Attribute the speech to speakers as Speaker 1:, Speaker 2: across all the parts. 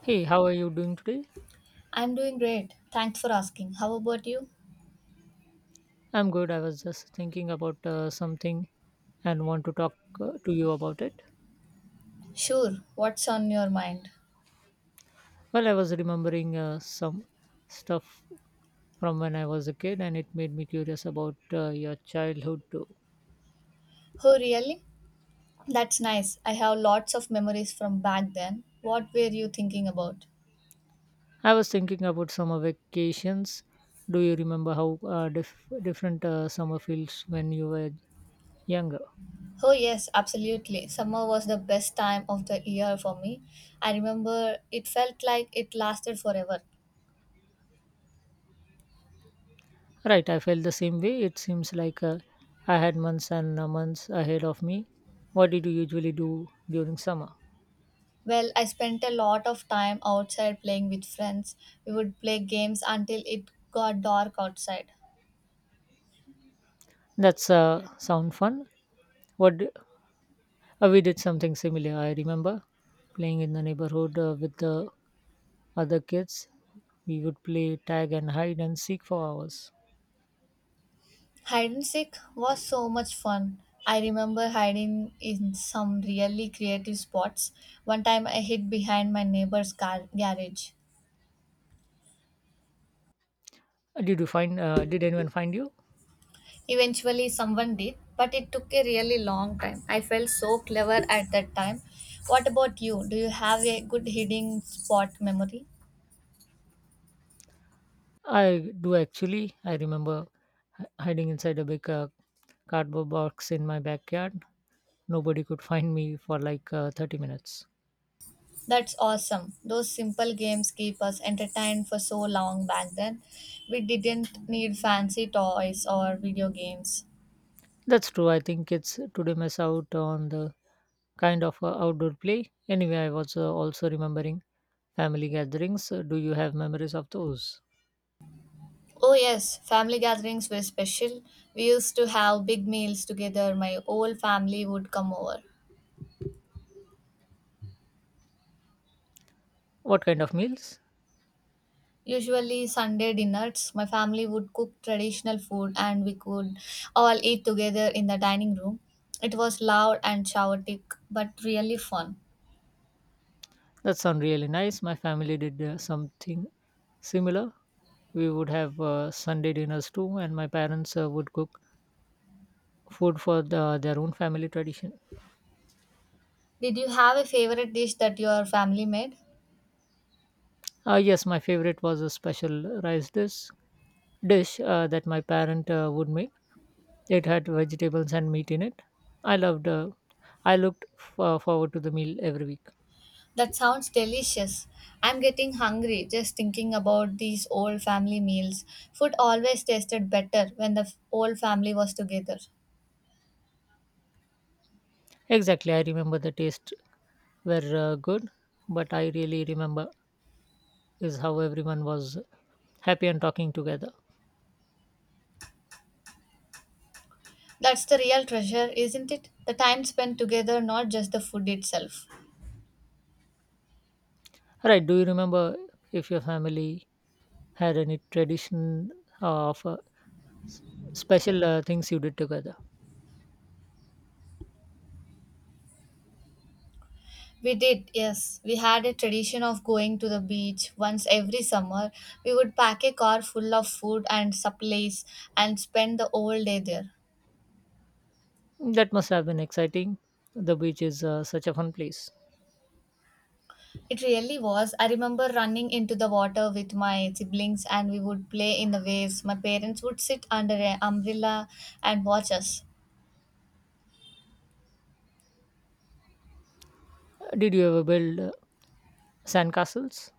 Speaker 1: Hey, how are you doing today?
Speaker 2: I'm doing great. Thanks for asking. How about you?
Speaker 1: I'm good. I was just thinking about something and want to talk to you about it.
Speaker 2: Sure. What's on your mind?
Speaker 1: Well, I was remembering some stuff from when I was a kid and it made me curious about your childhood too.
Speaker 2: Oh, really? That's nice. I have lots of memories from back then. What were you thinking about?
Speaker 1: I was thinking about summer vacations. Do you remember how different summer feels when you were younger?
Speaker 2: Oh, yes, absolutely. Summer was the best time of the year for me. I remember it felt like it lasted forever.
Speaker 1: Right, I felt the same way. It seems like I had months and months ahead of me. What did you usually do during summer?
Speaker 2: Well, I spent a lot of time outside playing with friends. We would play games until it got dark outside.
Speaker 1: That's sound fun. What d- we did something similar. I remember playing in the neighborhood with the other kids. We would play tag and hide and seek for hours.
Speaker 2: Hide and seek was so much fun. I remember hiding in some really creative spots. One time I hid behind my garage.
Speaker 1: Did you find? Did anyone find you?
Speaker 2: Eventually, someone did, but it took a really long time. I felt so clever at that time. What about you? Do you have a good hiding spot memory?
Speaker 1: I do actually. I remember hiding inside a big cardboard box in my backyard. Nobody could find me for like 30 minutes.
Speaker 2: That's awesome. Those simple games keep us entertained for so long back then. We didn't need fancy toys or video games.
Speaker 1: That's true. I think kids today miss out on the kind of outdoor play. Anyway, I was also remembering family gatherings, do you have memories of those?
Speaker 2: Oh, yes, family gatherings were special. We used to have big meals together. My whole family would come over.
Speaker 1: What kind of meals?
Speaker 2: Usually, Sunday dinners, my family would cook traditional food and we could all eat together in the dining room. It was loud and chaotic, but really fun.
Speaker 1: That sound really nice. My family did something similar. We would have Sunday dinners too, and my parents would cook food for their own family tradition.
Speaker 2: Did you have a favorite dish that your family made?
Speaker 1: Yes, my favorite was a special rice dish that my parent would make. It had vegetables and meat in it. I loved. I looked forward to the meal every week.
Speaker 2: That sounds delicious. I'm getting hungry just thinking about these old family meals. Food always tasted better when the whole family was together.
Speaker 1: Exactly, I remember the taste were good, but I really remember is how everyone was happy and talking together.
Speaker 2: That's the real treasure, isn't it? The time spent together, not just the food itself.
Speaker 1: Right? Do you remember if your family had any tradition of s- special things you did together?
Speaker 2: We did, yes. We had a tradition of going to the beach once every summer. We would pack a car full of food and supplies and spend the whole day there.
Speaker 1: That must have been exciting. The beach is such a fun place.
Speaker 2: It really was. I remember running into the water with my siblings and we would play in the waves. My parents would sit under an umbrella and watch us.
Speaker 1: Did you ever build sandcastles?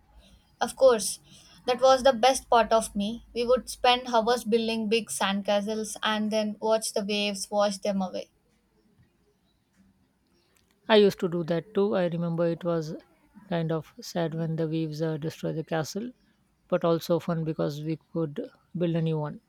Speaker 2: Of course, that was the best part of me. We would spend hours building big sandcastles and then watch the waves wash them away.
Speaker 1: I used to do that too. I remember it was kind of sad when the waves destroyed the castle, but also fun because we could build a new one.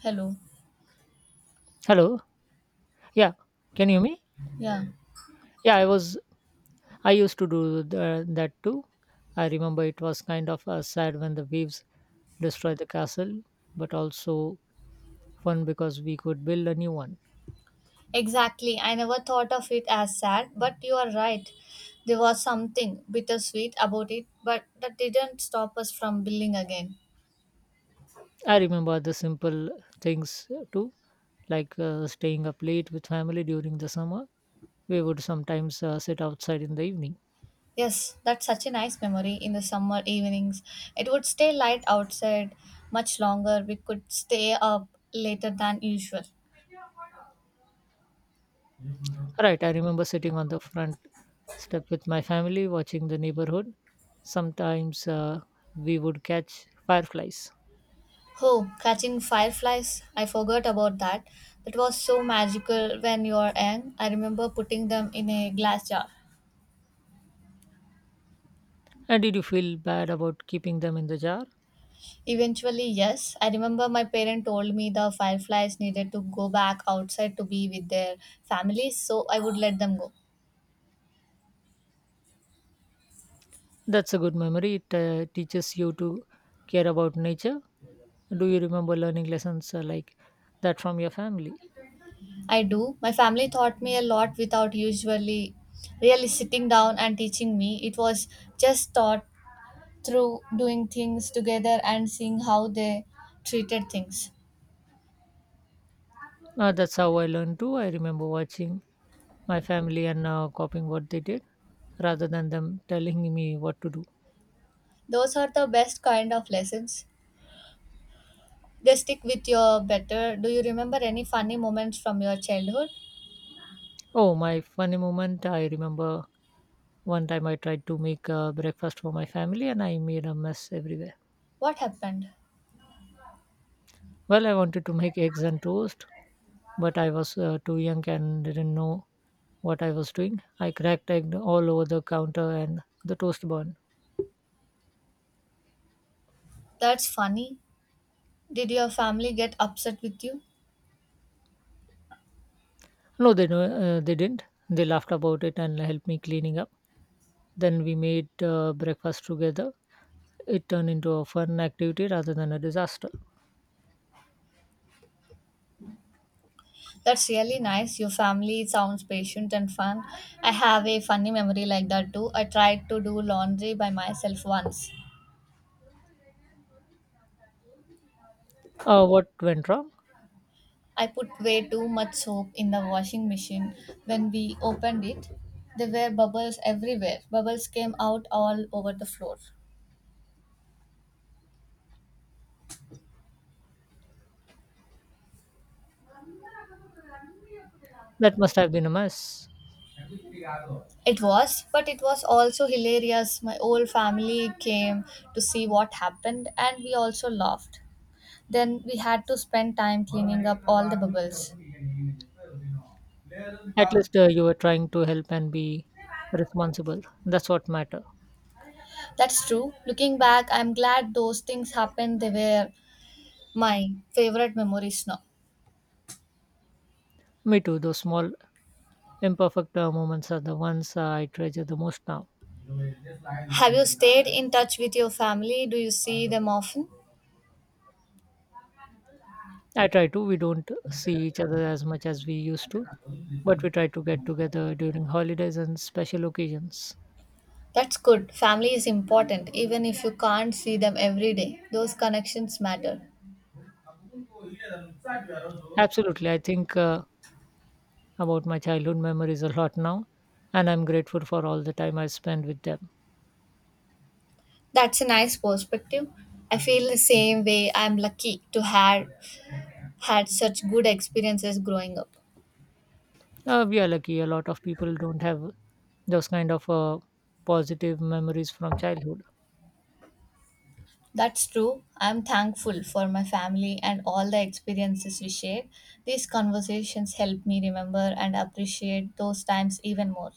Speaker 2: Hello.
Speaker 1: Hello. Yeah. Can you hear me?
Speaker 2: Yeah.
Speaker 1: Yeah, I used to do that too. I remember it was kind of sad when the waves destroyed the castle, but also fun because we could build a new one.
Speaker 2: Exactly. I never thought of it as sad, but you are right. There was something bittersweet about it, but that didn't stop us from building again.
Speaker 1: I remember the simple things too, like staying up late with family during the summer. We would sometimes sit outside in the evening.
Speaker 2: Yes, that's such a nice memory in the summer evenings. It would stay light outside much longer. We could stay up later than usual.
Speaker 1: Right, I remember sitting on the front step with my family watching the neighborhood. Sometimes we would catch fireflies.
Speaker 2: Oh, catching fireflies. I forgot about that. That was so magical when you were young. I remember putting them in a glass jar.
Speaker 1: And did you feel bad about keeping them in the jar?
Speaker 2: Eventually, yes. I remember my parent told me the fireflies needed to go back outside to be with their families, so I would let them go.
Speaker 1: That's a good memory. It teaches you to care about nature. Do you remember learning lessons like that from your family?
Speaker 2: I do. My family taught me a lot without usually really sitting down and teaching me. It was just taught through doing things together and seeing how they treated things.
Speaker 1: That's how I learned too. I remember watching my family and copying what they did rather than them telling me what to do.
Speaker 2: Those are the best kind of lessons. They stick with you better. Do you remember any funny moments from your childhood?
Speaker 1: Oh, my funny moment. I remember one time I tried to make breakfast for my family and I made a mess everywhere.
Speaker 2: What happened?
Speaker 1: Well, I wanted to make eggs and toast, but I was too young and didn't know what I was doing. I cracked egg all over the counter and the toast burned.
Speaker 2: That's funny. Did your family get upset with you?
Speaker 1: No, they didn't. They laughed about it and helped me cleaning up. Then we made breakfast together. It turned into a fun activity rather than a disaster.
Speaker 2: That's really nice. Your family sounds patient and fun. I have a funny memory like that too. I tried to do laundry by myself once.
Speaker 1: What went wrong?
Speaker 2: I put way too much soap in the washing machine. When we opened it, there were bubbles everywhere. Bubbles came out all over the floor.
Speaker 1: That must have been a mess.
Speaker 2: It was, but it was also hilarious. My whole family came to see what happened and we also laughed. Then we had to spend time cleaning up all the bubbles.
Speaker 1: At least you were trying to help and be responsible. That's what matters.
Speaker 2: That's true. Looking back, I'm glad those things happened. They were my favorite memories now.
Speaker 1: Me too. Those small, imperfect moments are the ones I treasure the most now.
Speaker 2: Have you stayed in touch with your family? Do you see them often?
Speaker 1: I try to. We don't see each other as much as we used to, but we try to get together during holidays and special occasions.
Speaker 2: That's good. Family is important, even if you can't see them every day. Those connections matter.
Speaker 1: Absolutely. I think about my childhood memories a lot now, and I'm grateful for all the time I spent with them.
Speaker 2: That's a nice perspective. I feel the same way. I'm lucky to have had such good experiences growing up.
Speaker 1: We are lucky. A lot of people don't have those kind of positive memories from childhood.
Speaker 2: That's true. I'm thankful for my family and all the experiences we share. These conversations help me remember and appreciate those times even more.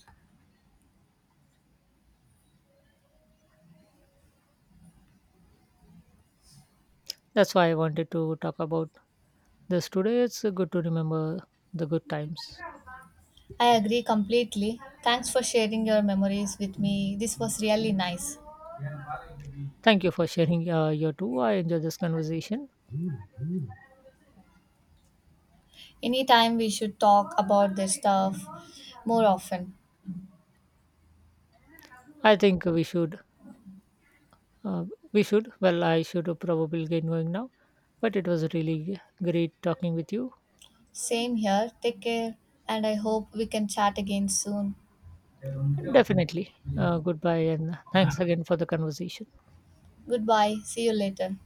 Speaker 1: That's why I wanted to talk about this today. It's good to remember the good times.
Speaker 2: I agree completely. Thanks for sharing your memories with me. This was really nice.
Speaker 1: Thank you for sharing your two. I enjoyed this conversation.
Speaker 2: Anytime we should talk about this stuff more often.
Speaker 1: I think we should, uh, we should. Well, I should probably get going now, but it was really great talking with you.
Speaker 2: Same here. Take care, and I hope we can chat again soon.
Speaker 1: Definitely. Goodbye and thanks again for the conversation.
Speaker 2: Goodbye. See you later.